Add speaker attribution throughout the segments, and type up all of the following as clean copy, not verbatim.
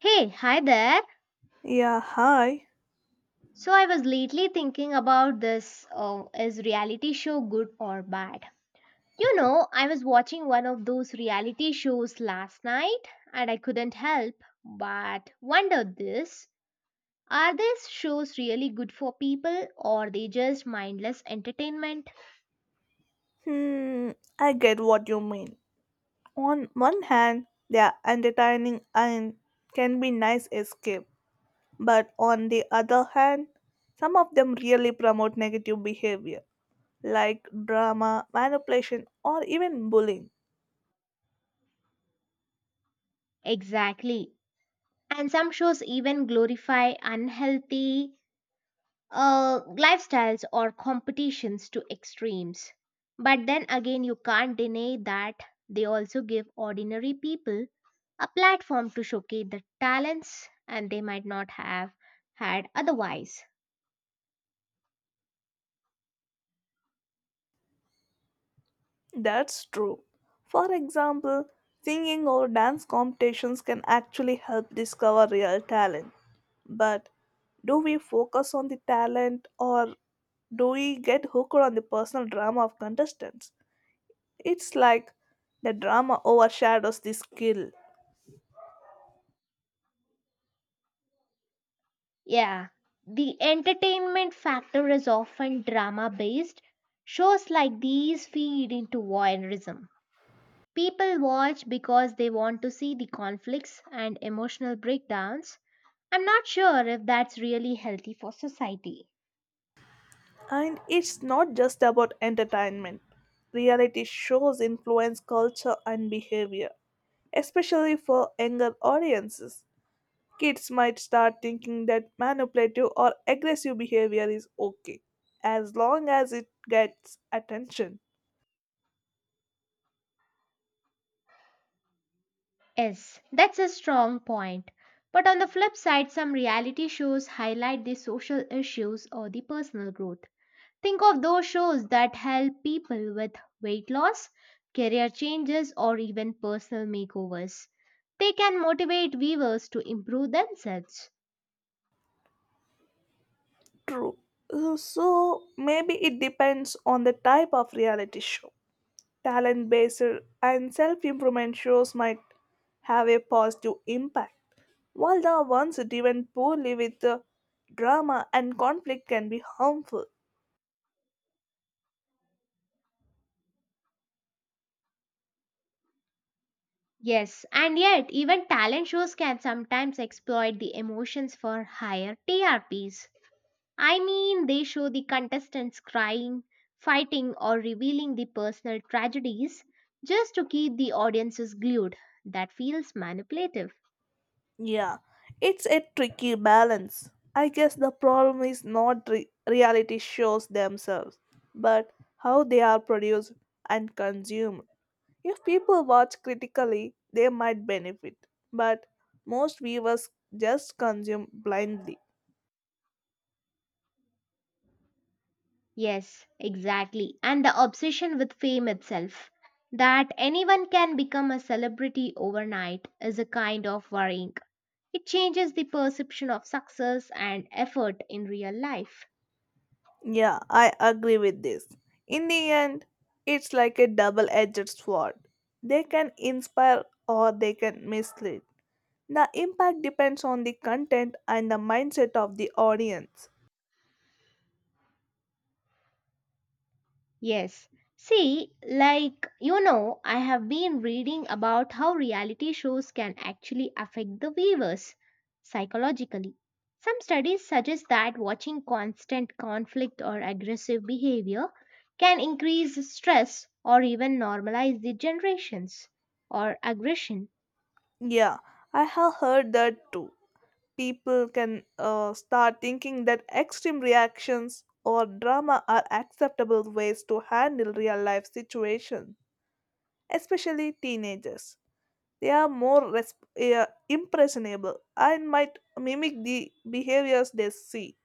Speaker 1: Hey, hi there.
Speaker 2: Yeah, hi.
Speaker 1: So I was lately thinking about this, is reality show good or bad? You know, I was watching one of those reality shows last night and I couldn't help but wonder this. Are these shows really good for people or they just mindless entertainment?
Speaker 2: Hmm, I get what you mean. On one hand, they are entertaining and can be nice escape, but on the other hand, some of them really promote negative behavior like drama, manipulation, or even bullying.
Speaker 1: Exactly. And some shows even glorify unhealthy uh, lifestyles or competitions to extremes. But then again, you can't deny that they also give ordinary people a platform to showcase the talents and they might not have had otherwise.
Speaker 2: That's true. For example, singing or dance competitions can actually help discover real talent. But do we focus on the talent or do we get hooked on the personal drama of contestants? It's like the drama overshadows the skill.
Speaker 1: Yeah. The entertainment factor is often drama based. Shows like these feed into voyeurism. People watch because they want to see the conflicts and emotional breakdowns. I'm not sure if that's really healthy for society.
Speaker 2: And it's not just about entertainment. Reality shows influence culture and behavior, especially for younger audiences. Kids might start thinking that manipulative or aggressive behavior is okay as long as it gets attention.
Speaker 1: Yes, that's a strong point. But on the flip side, some reality shows highlight the social issues or the personal growth. Think of those shows that help people with weight loss, career changes, or even personal makeovers. They can motivate viewers to improve themselves.
Speaker 2: True. So maybe it depends on the type of reality show. Talent based and self improvement shows might have a positive impact, while the ones driven poorly with the drama and conflict can be harmful.
Speaker 1: Yes, and yet even talent shows can sometimes exploit the emotions for higher TRPs. I mean, they show the contestants crying, fighting, or revealing the personal tragedies just to keep the audiences glued. That feels manipulative.
Speaker 2: Yeah, it's a tricky balance. I guess the problem is not reality shows themselves, but how they are produced and consumed. If people watch critically, they might benefit, but most viewers just consume blindly.
Speaker 1: Yes, exactly. And the obsession with fame itself. That anyone can become a celebrity overnight is a kind of worrying. It changes the perception of success and effort in real life.
Speaker 2: Yeah, I agree with this. In the end, it's like a double edged sword. They can inspire or they can mislead. The impact depends on the content and the mindset of the audience.
Speaker 1: Yes. See, like, I have been reading about how reality shows can actually affect the viewers psychologically. Some studies suggest that watching constant conflict or aggressive behavior can increase stress or even normalize the generations or aggression.
Speaker 2: Yeah, I have heard that too. People can start thinking that extreme reactions or drama are acceptable ways to handle real life situations, especially teenagers. They are more impressionable and might mimic the behaviors they see.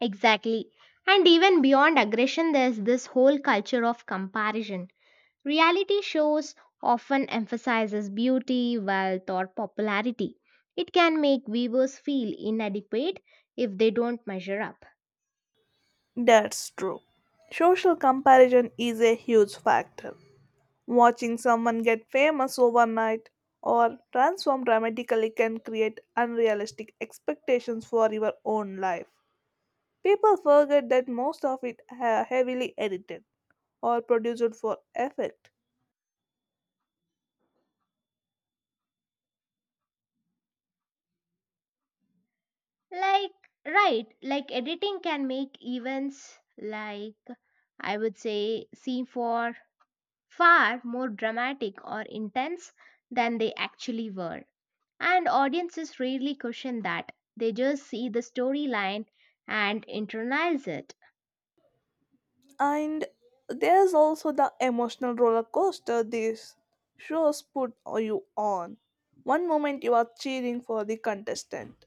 Speaker 1: Exactly. And even beyond aggression, there's this whole culture of comparison. Reality shows often emphasizes beauty, wealth, or popularity. It can make viewers feel inadequate if they don't measure up.
Speaker 2: That's true. Social comparison is a huge factor. Watching someone get famous overnight or transform dramatically can create unrealistic expectations for your own life. People forget that most of it are heavily edited or produced for effect.
Speaker 1: Like, right, like editing can make events like, I would say, seem for far more dramatic or intense than they actually were. And audiences rarely question that. They just see the storyline and internalize it.
Speaker 2: And there's also the emotional roller coaster these shows put you on. One moment you are cheering for the contestant,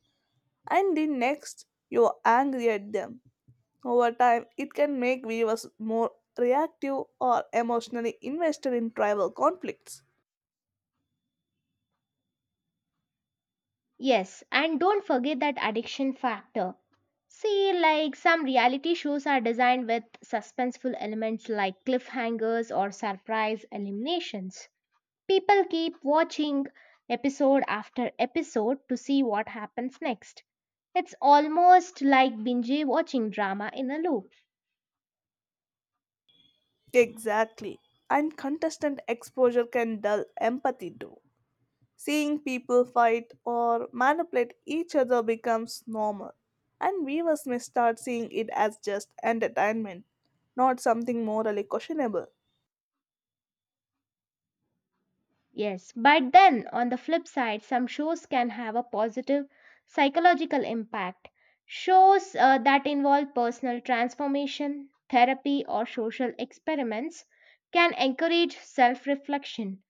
Speaker 2: and the next you are angry at them. Over time, it can make viewers more reactive or emotionally invested in tribal conflicts.
Speaker 1: Yes, and don't forget that addiction factor. See, like some reality shows are designed with suspenseful elements like cliffhangers or surprise eliminations. People keep watching episode after episode to see what happens next. It's almost like binge watching drama in a loop.
Speaker 2: Exactly. And contestant exposure can dull empathy too. Seeing people fight or manipulate each other becomes normal, and viewers may start seeing it as just entertainment, not something morally questionable.
Speaker 1: Yes, but then on the flip side, some shows can have a positive psychological impact. Shows that involve personal transformation, therapy, or social experiments can encourage self reflection.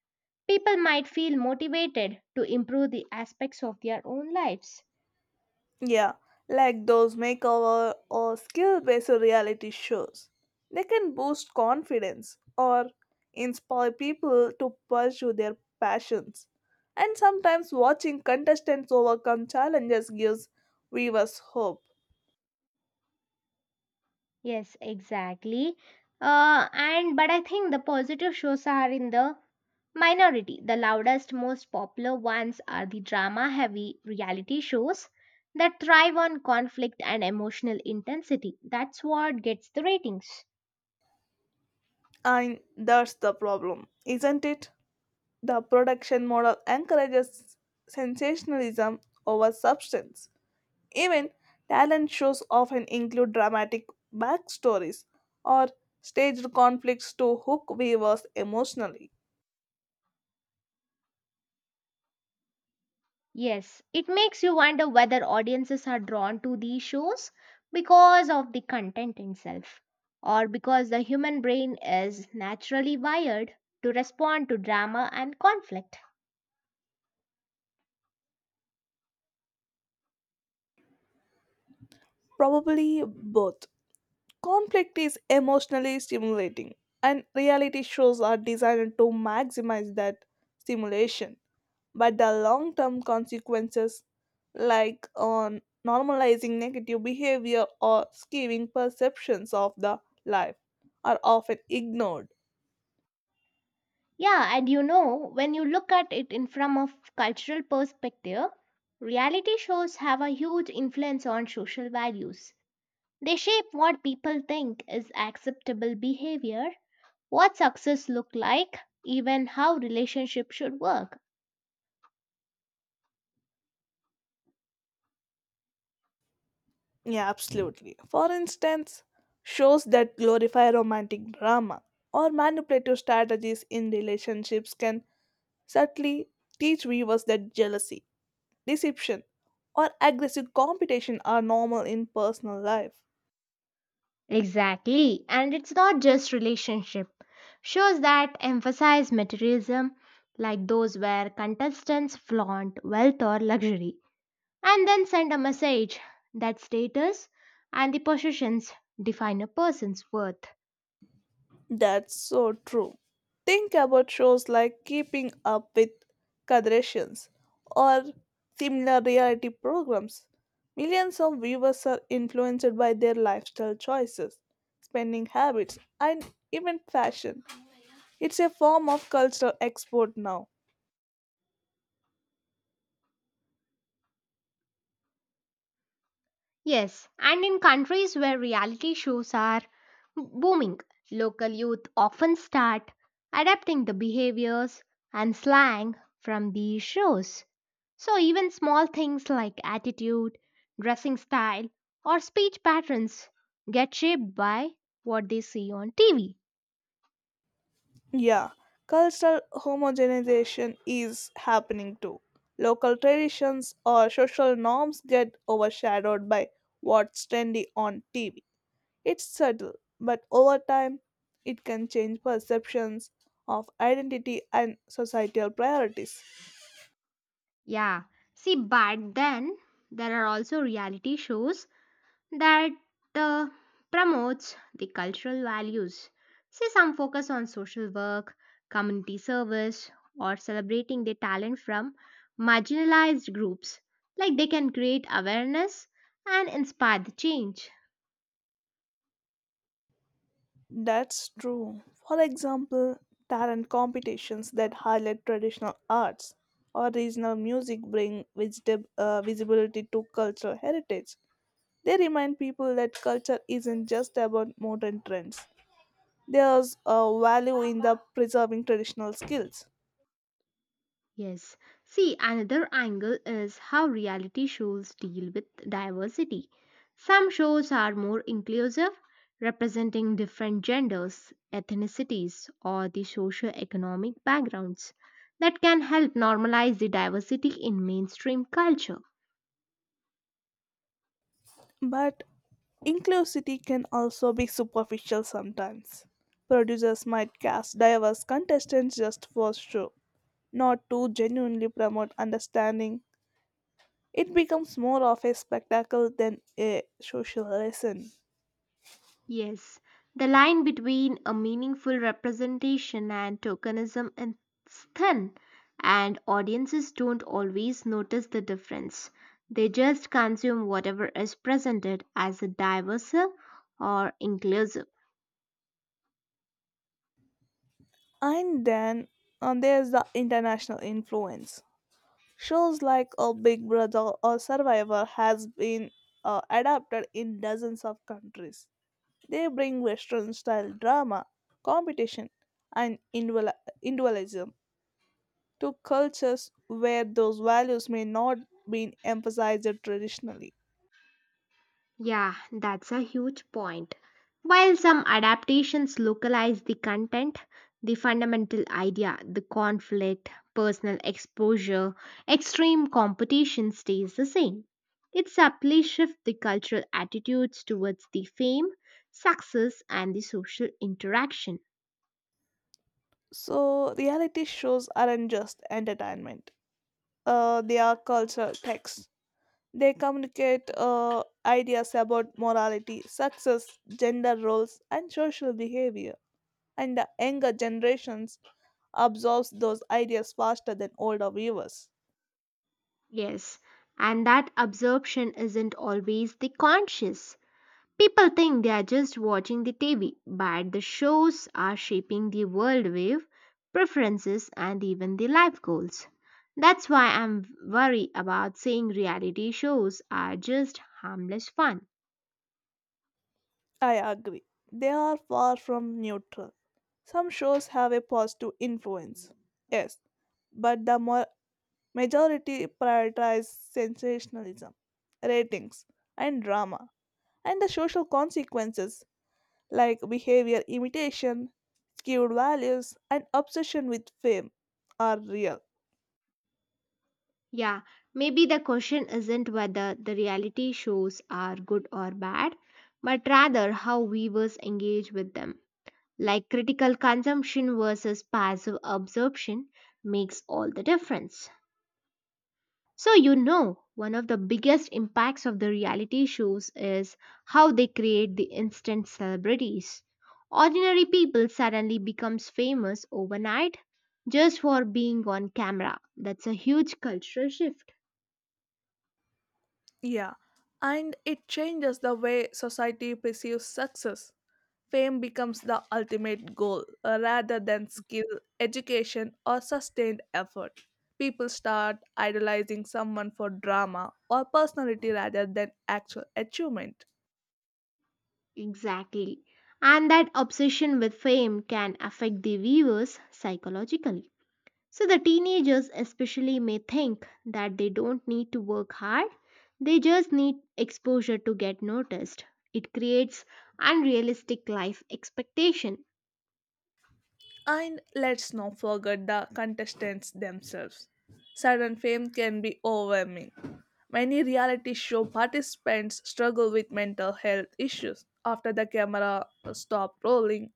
Speaker 1: People might feel motivated to improve the aspects of their own lives.
Speaker 2: Yeah, like those makeover or skill based reality shows. They can boost confidence or inspire people to pursue their passions. And sometimes watching contestants overcome challenges gives viewers hope.
Speaker 1: Yes, exactly. And but I think the positive shows are in the minority, the loudest, most popular ones are the drama heavy reality shows that thrive on conflict and emotional intensity. That's what gets the ratings.
Speaker 2: And that's the problem, isn't it? The production model encourages sensationalism over substance. Even talent shows often include dramatic backstories or staged conflicts to hook viewers emotionally.
Speaker 1: Yes, it makes you wonder whether audiences are drawn to these shows because of the content itself or because the human brain is naturally wired to respond to drama and conflict.
Speaker 2: Probably both. Conflict is emotionally stimulating, and reality shows are designed to maximize that stimulation. But the long term consequences, like on normalizing negative behavior or skewing perceptions of the life, are often ignored.
Speaker 1: Yeah, and you know, when you look at it in from a cultural perspective, reality shows have a huge influence on social values. They shape what people think is acceptable behavior, what success look like, even how relationships should work.
Speaker 2: Yeah, absolutely. For instance, shows that glorify romantic drama or manipulative strategies in relationships can subtly teach viewers that jealousy, deception, or aggressive competition are normal in personal life.
Speaker 1: Exactly, and it's not just relationship. Shows that emphasize materialism, like those where contestants flaunt wealth or luxury and then send a message that status and the possessions define a person's worth.
Speaker 2: That's so true. Think about shows like Keeping Up with Kardashians or similar reality programs. Millions of viewers are influenced by their lifestyle choices, spending habits, and even fashion. It's a form of cultural export now.
Speaker 1: Yes, and in countries where reality shows are booming, local youth often start adapting the behaviors and slang from these shows. So, even small things like attitude, dressing style, or speech patterns get shaped by what they see on TV.
Speaker 2: Yeah, cultural homogenization is happening too. Local traditions or social norms get overshadowed by what's trendy on TV. It's subtle, but over time, it can change perceptions of identity and societal priorities.
Speaker 1: Yeah. See, but then there are also reality shows that uh, promotes the cultural values. See, some focus on social work, community service, or celebrating the talent from marginalized groups. Like they can create awareness and inspire the change.
Speaker 2: That's true. For example, talent competitions that highlight traditional arts or regional music bring visibility to cultural heritage. They remind people that culture isn't just about modern trends. There's a value in the preserving traditional skills.
Speaker 1: Yes. See, another angle is how reality shows deal with diversity. Some shows are more inclusive, representing different genders, ethnicities, or the socio-economic backgrounds that can help normalize the diversity in mainstream culture.
Speaker 2: But inclusivity can also be superficial sometimes. Producers might cast diverse contestants just for show, not to genuinely promote understanding. It becomes more of a spectacle than a social lesson.
Speaker 1: Yes, the line between a meaningful representation and tokenism is thin, and audiences don't always notice the difference. They just consume whatever is presented as a diverse or inclusive.
Speaker 2: And then there's the international influence. Shows like a Big Brother or Survivor has been adapted in dozens of countries. They bring Western style drama, competition, and individualism to cultures where those values may not be emphasized traditionally.
Speaker 1: Yeah, that's a huge point. While some adaptations localize the content, the fundamental idea, the conflict, personal exposure, extreme competition stays the same. It subtly shifts the cultural attitudes towards the fame, success, and the social interaction.
Speaker 2: So, reality shows aren't just entertainment, they are cultural texts. They communicate ideas about morality, success, gender roles, and social behavior. And the younger generations absorbs those ideas faster than older viewers.
Speaker 1: Yes, and that absorption isn't always the conscious. People think they are just watching the TV, but the shows are shaping the world wave, preferences, and even the life goals. That's why I'm worried about saying reality shows are just harmless fun.
Speaker 2: I agree. They are far from neutral. Some shows have a positive influence, yes, but the majority prioritize sensationalism, ratings, and drama, and the social consequences like behavior imitation, skewed values, and obsession with fame are real.
Speaker 1: Yeah, maybe the question isn't whether the reality shows are good or bad, but rather how viewers engage with them. Like critical consumption versus passive absorption makes all the difference. So, you know, one of the biggest impacts of the reality shows is how they create the instant celebrities. Ordinary people suddenly becomes famous overnight just for being on camera. That's a huge cultural shift.
Speaker 2: Yeah, and it changes the way society perceives success. Fame becomes the ultimate goal rather than skill, education, or sustained effort. People start idolizing someone for drama or personality rather than actual achievement.
Speaker 1: Exactly. And that obsession with fame can affect the viewers psychologically. So the teenagers especially may think that they don't need to work hard, they just need exposure to get noticed. It creates unrealistic life expectation.
Speaker 2: And let's not forget the contestants themselves. Sudden fame can be overwhelming. Many reality show participants struggle with mental health issues after the camera stopped rolling,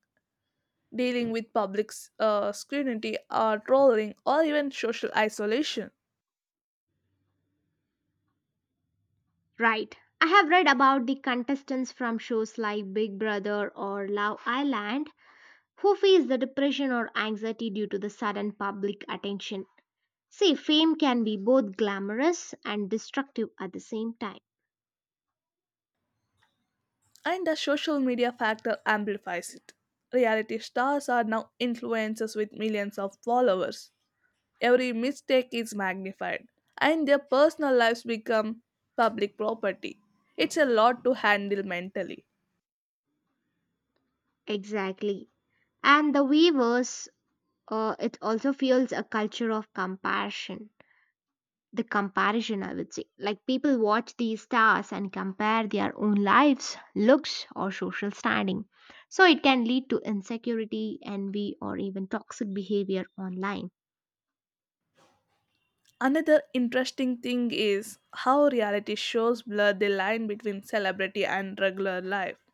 Speaker 2: dealing with public scrutiny or trolling or even social isolation.
Speaker 1: Right. I have read about the contestants from shows like Big Brother or Love Island who face the depression or anxiety due to the sudden public attention. See, fame can be both glamorous and destructive at the same time.
Speaker 2: And the social media factor amplifies it. Reality stars are now influencers with millions of followers. Every mistake is magnified, and their personal lives become public property. It's a lot to handle mentally.
Speaker 1: Exactly. And the viewers, it also fuels a culture of compassion, the comparison, I would say, like people watch these stars and compare their own lives looks or social standing, so it can lead to insecurity envy or even toxic behavior online.
Speaker 2: Another interesting thing is how reality shows blur the line between celebrity and regular life.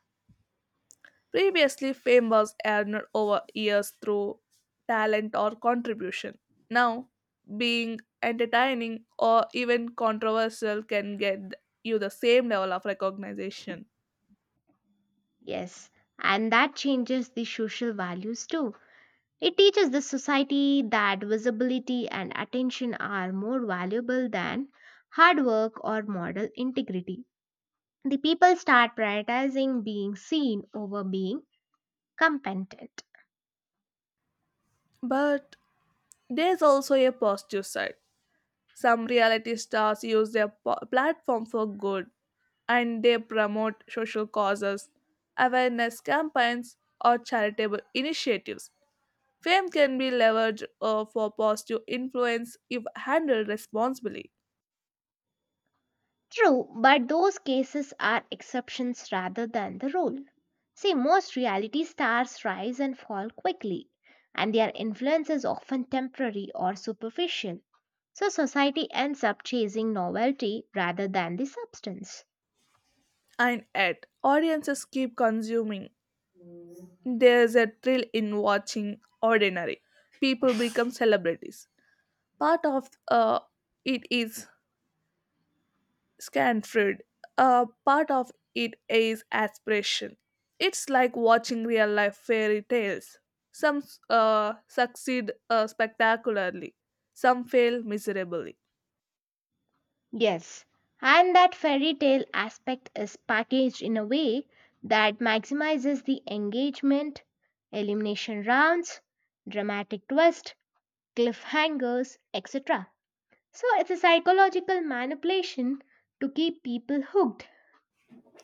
Speaker 2: Previously, fame was earned over years through talent or contribution. Now, being entertaining or even controversial can get you the same level of recognition.
Speaker 1: Yes, and that changes the social values too. It teaches the society that visibility and attention are more valuable than hard work or moral integrity. The people start prioritizing being seen over being competent.
Speaker 2: But there's also a positive side. Some reality stars use their platform for good and they promote social causes, awareness campaigns, or charitable initiatives. Fame can be leveraged for positive influence if handled responsibly.
Speaker 1: True, but those cases are exceptions rather than the rule. See, most reality stars rise and fall quickly, and their influence is often temporary or superficial. So, society ends up chasing novelty rather than the substance.
Speaker 2: And yet, audiences keep consuming. There's a thrill in watching ordinary people become celebrities. Part of it is Scanford. Part of it is aspiration. It's like watching real life fairy tales. Some succeed spectacularly, some fail miserably.
Speaker 1: Yes, and that fairy tale aspect is packaged in a way that maximizes the engagement, elimination rounds, dramatic twist, cliffhangers, etc. So it's a psychological manipulation to keep people hooked.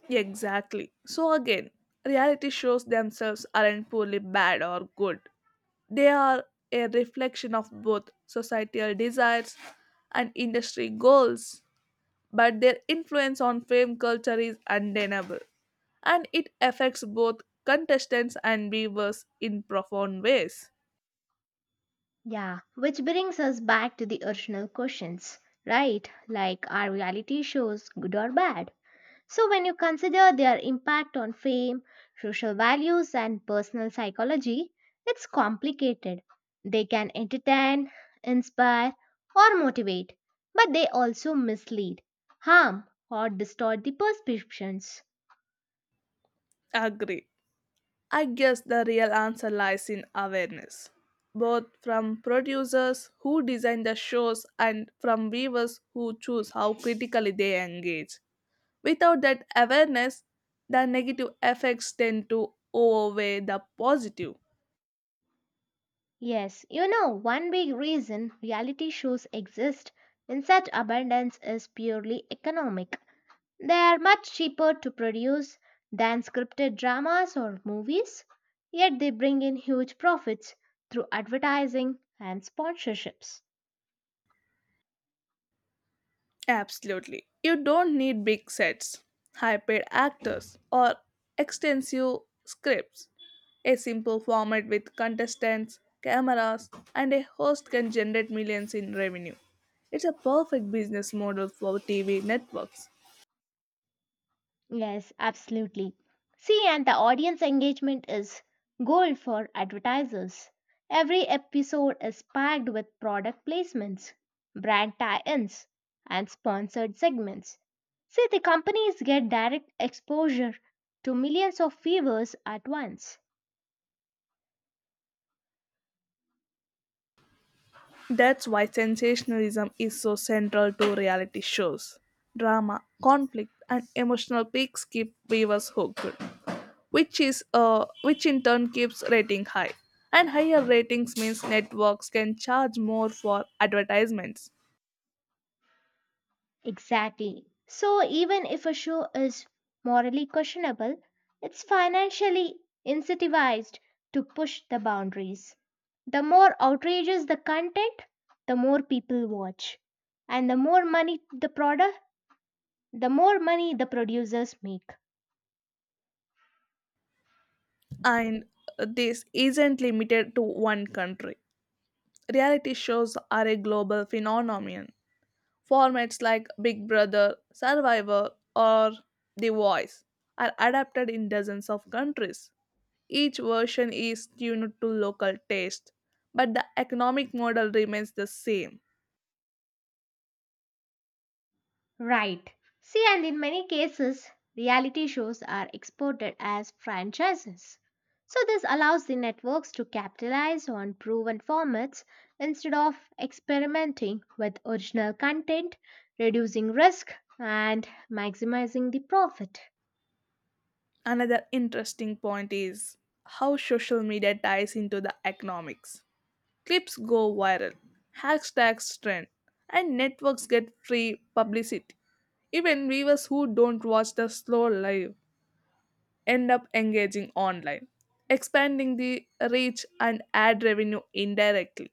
Speaker 2: Exactly. So again, reality shows themselves aren't poorly bad or good. They are a reflection of both societal desires and industry goals, but their influence on fame culture is undeniable, and it affects both contestants and viewers in profound ways.
Speaker 1: Yeah, which brings us back to the original questions, right? Like are reality shows good or bad? So, when you consider their impact on fame, social values, and personal psychology, it's complicated. They can entertain, inspire, or motivate, but they also mislead, harm, or distort the perceptions.
Speaker 2: Agree. I guess the real answer lies in awareness, both from producers who design the shows and from viewers who choose how critically they engage. Without that awareness, the negative effects tend to overweigh the positive.
Speaker 1: Yes, you know, one big reason reality shows exist in such abundance is purely economic. They are much cheaper to produce than scripted dramas or movies, yet they bring in huge profits through advertising and sponsorships.
Speaker 2: Absolutely. You don't need big sets, high paid actors, or extensive scripts. A simple format with contestants, cameras, and a host can generate millions in revenue. It's a perfect business model for TV networks.
Speaker 1: Yes, absolutely. See, and the audience engagement is gold for advertisers. Every episode is packed with product placements, brand tie ins, and sponsored segments. See, the companies get direct exposure to millions of viewers at once.
Speaker 2: That's why sensationalism is so central to reality shows. Drama, conflict, and emotional peaks keep viewers hooked, which is which in turn keeps rating high and higher ratings means networks can charge more for advertisements.
Speaker 1: Exactly. So, even if a show is morally questionable, it's financially incentivized to push the boundaries. The more outrageous the content, the more people watch. And the more money the product, the more money the producers make.
Speaker 2: And this isn't limited to one country. Reality shows are a global phenomenon. Formats like Big Brother, Survivor, or The Voice are adapted in dozens of countries. Each version is tuned to local taste, but the economic model remains the same.
Speaker 1: Right. See, and in many cases, reality shows are exported as franchises. So, this allows the networks to capitalize on proven formats instead of experimenting with original content, reducing risk, and maximizing the profit.
Speaker 2: Another interesting point is how social media ties into the economics. Clips go viral, hashtags trend, and networks get free publicity. Even viewers who don't watch the slow live end up engaging online, expanding the reach and ad revenue indirectly.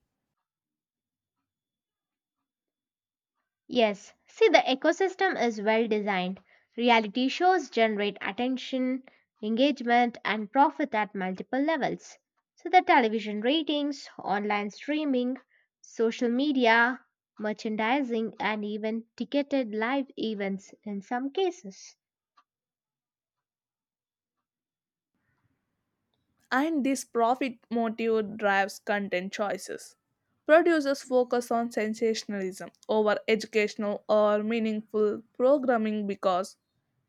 Speaker 1: Yes, see, the ecosystem is well designed. Reality shows generate attention, engagement, and profit at multiple levels. So, the television ratings, online streaming, social media, merchandising, and even ticketed live events in some cases.
Speaker 2: And this profit motive drives content choices. Producers focus on sensationalism over educational or meaningful programming because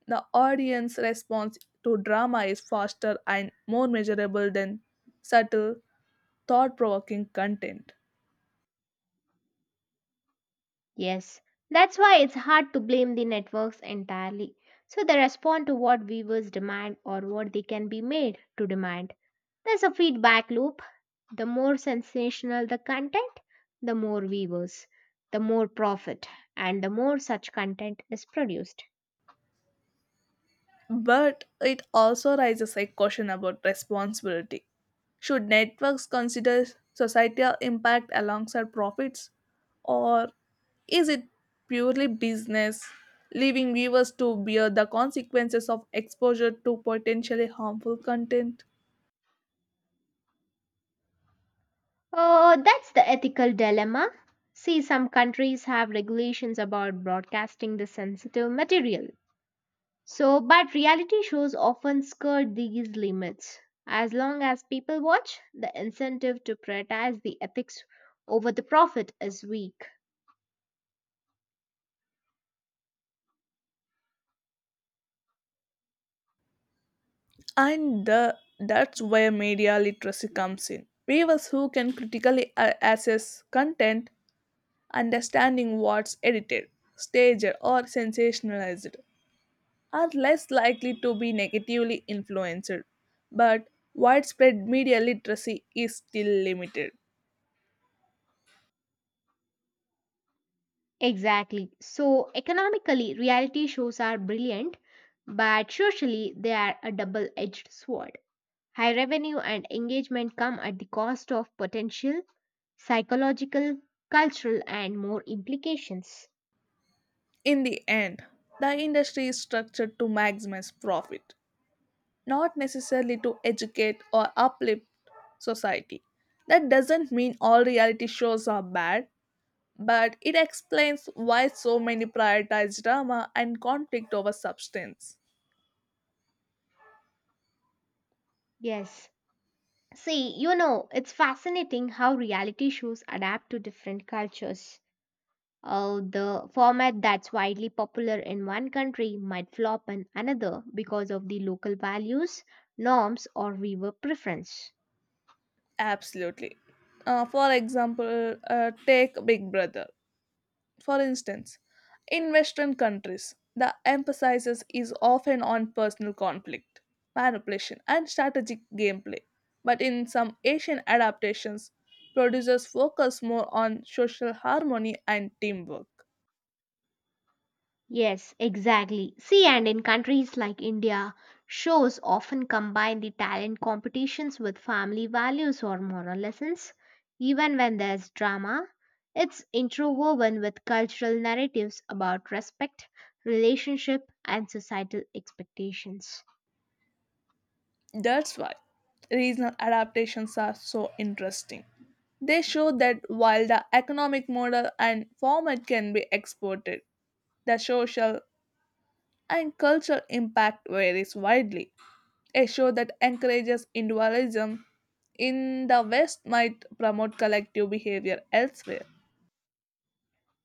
Speaker 2: the audience response to drama is faster and more measurable than subtle, thought provoking content.
Speaker 1: Yes, that's why it's hard to blame the networks entirely. So, they respond to what viewers demand or what they can be made to demand. There's a feedback loop. The more sensational the content, the more viewers, the more profit, and the more such content is produced.
Speaker 2: But it also raises a question about responsibility. Should networks consider societal impact alongside profits, or is it purely business, leaving viewers to bear the consequences of exposure to potentially harmful content?
Speaker 1: Oh, that's the ethical dilemma. See, some countries have regulations about broadcasting the sensitive material. So, but reality shows often skirt these limits. As long as people watch, the incentive to prioritize the ethics over the profit is weak.
Speaker 2: And the, that's where media literacy comes in. Viewers who can critically assess content, understanding what's edited, staged, or sensationalized, are less likely to be negatively influenced, but widespread media literacy is still limited.
Speaker 1: Exactly. So, economically, reality shows are brilliant, but socially, they are a double edged sword. High revenue and engagement come at the cost of potential, psychological, cultural, and more implications.
Speaker 2: In the end, the industry is structured to maximize profit, not necessarily to educate or uplift society. That doesn't mean all reality shows are bad, but it explains why so many prioritize drama and conflict over substance.
Speaker 1: Yes. See, you know, it's fascinating how reality shows adapt to different cultures. The format that's widely popular in one country might flop in another because of the local values, norms, or viewer preference.
Speaker 2: Absolutely. For example, take Big Brother. For instance, in Western countries, the emphasis is often on personal conflict, manipulation, and strategic gameplay. But in some Asian adaptations, producers focus more on social harmony and teamwork.
Speaker 1: Yes, exactly. See, and in countries like India, shows often combine the talent competitions with family values or moral lessons. Even when there's drama, it's interwoven with cultural narratives about respect, relationship, and societal expectations.
Speaker 2: That's why regional adaptations are so interesting. They show that while the economic model and format can be exported, the social and cultural impact varies widely. A show that encourages individualism in the West might promote collective behavior elsewhere.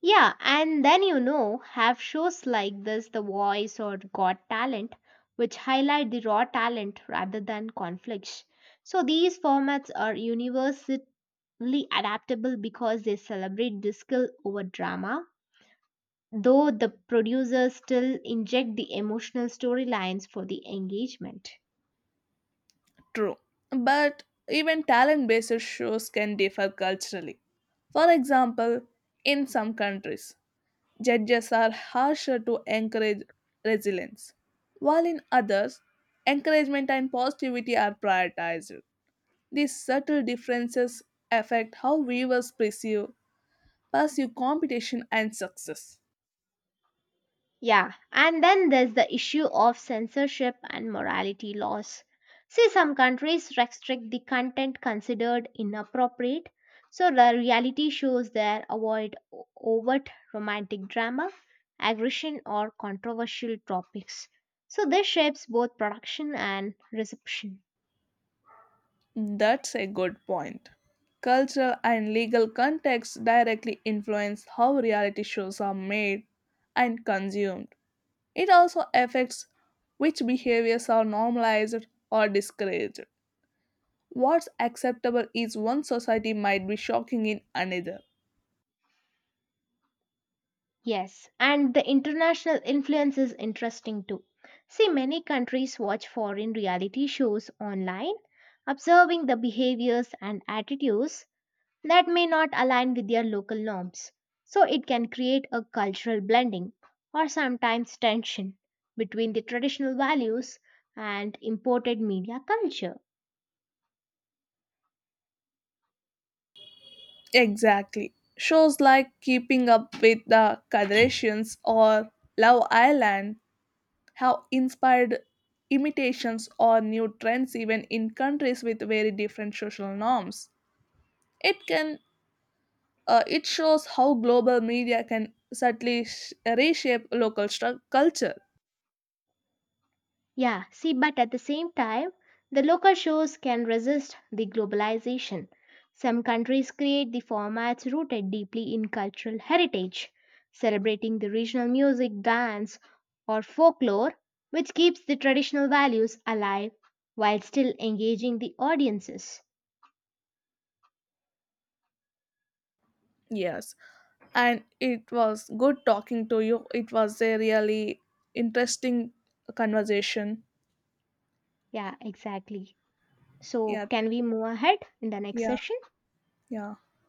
Speaker 1: Yeah, and then you know, have shows like this, The Voice or Got Talent, which highlight the raw talent rather than conflicts. So these formats are universally adaptable because they celebrate the skill over drama, though the producers still inject the emotional storylines for the engagement.
Speaker 2: True. But even talent based shows can differ culturally. For example, in some countries, judges are harsher to encourage resilience, while in others, encouragement and positivity are prioritized. These subtle differences affect how viewers perceive, pursue competition and success.
Speaker 1: Yeah, and then there's the issue of censorship and morality laws. See, some countries restrict the content considered inappropriate, so the reality shows there avoid overt romantic drama, aggression, or controversial topics. So, this shapes both production and reception.
Speaker 2: That's a good point. Cultural and legal contexts directly influence how reality shows are made and consumed. It also affects which behaviors are normalized or discouraged. What's acceptable is one society might be shocking in another.
Speaker 1: Yes, and the international influence is interesting too. See, many countries watch foreign reality shows online, observing the behaviors and attitudes that may not align with their local norms. So it can create a cultural blending or sometimes tension between the traditional values and imported media culture.
Speaker 2: Exactly. Shows like Keeping Up with the Kardashians or Love Island have inspired imitations or new trends even in countries with very different social norms. It can it shows how global media can subtly reshape local culture.
Speaker 1: Yeah, see, but at the same time, the local shows can resist the globalization. Some countries create the formats rooted deeply in cultural heritage, celebrating the regional music, dance, or folklore, which keeps the traditional values alive while still engaging the audiences.
Speaker 2: Yes, and it was good talking to you. It was a really interesting conversation.
Speaker 1: Yeah, exactly. So,
Speaker 2: Yeah,
Speaker 1: can we move ahead in the next
Speaker 2: yeah,
Speaker 1: session?
Speaker 2: yeah.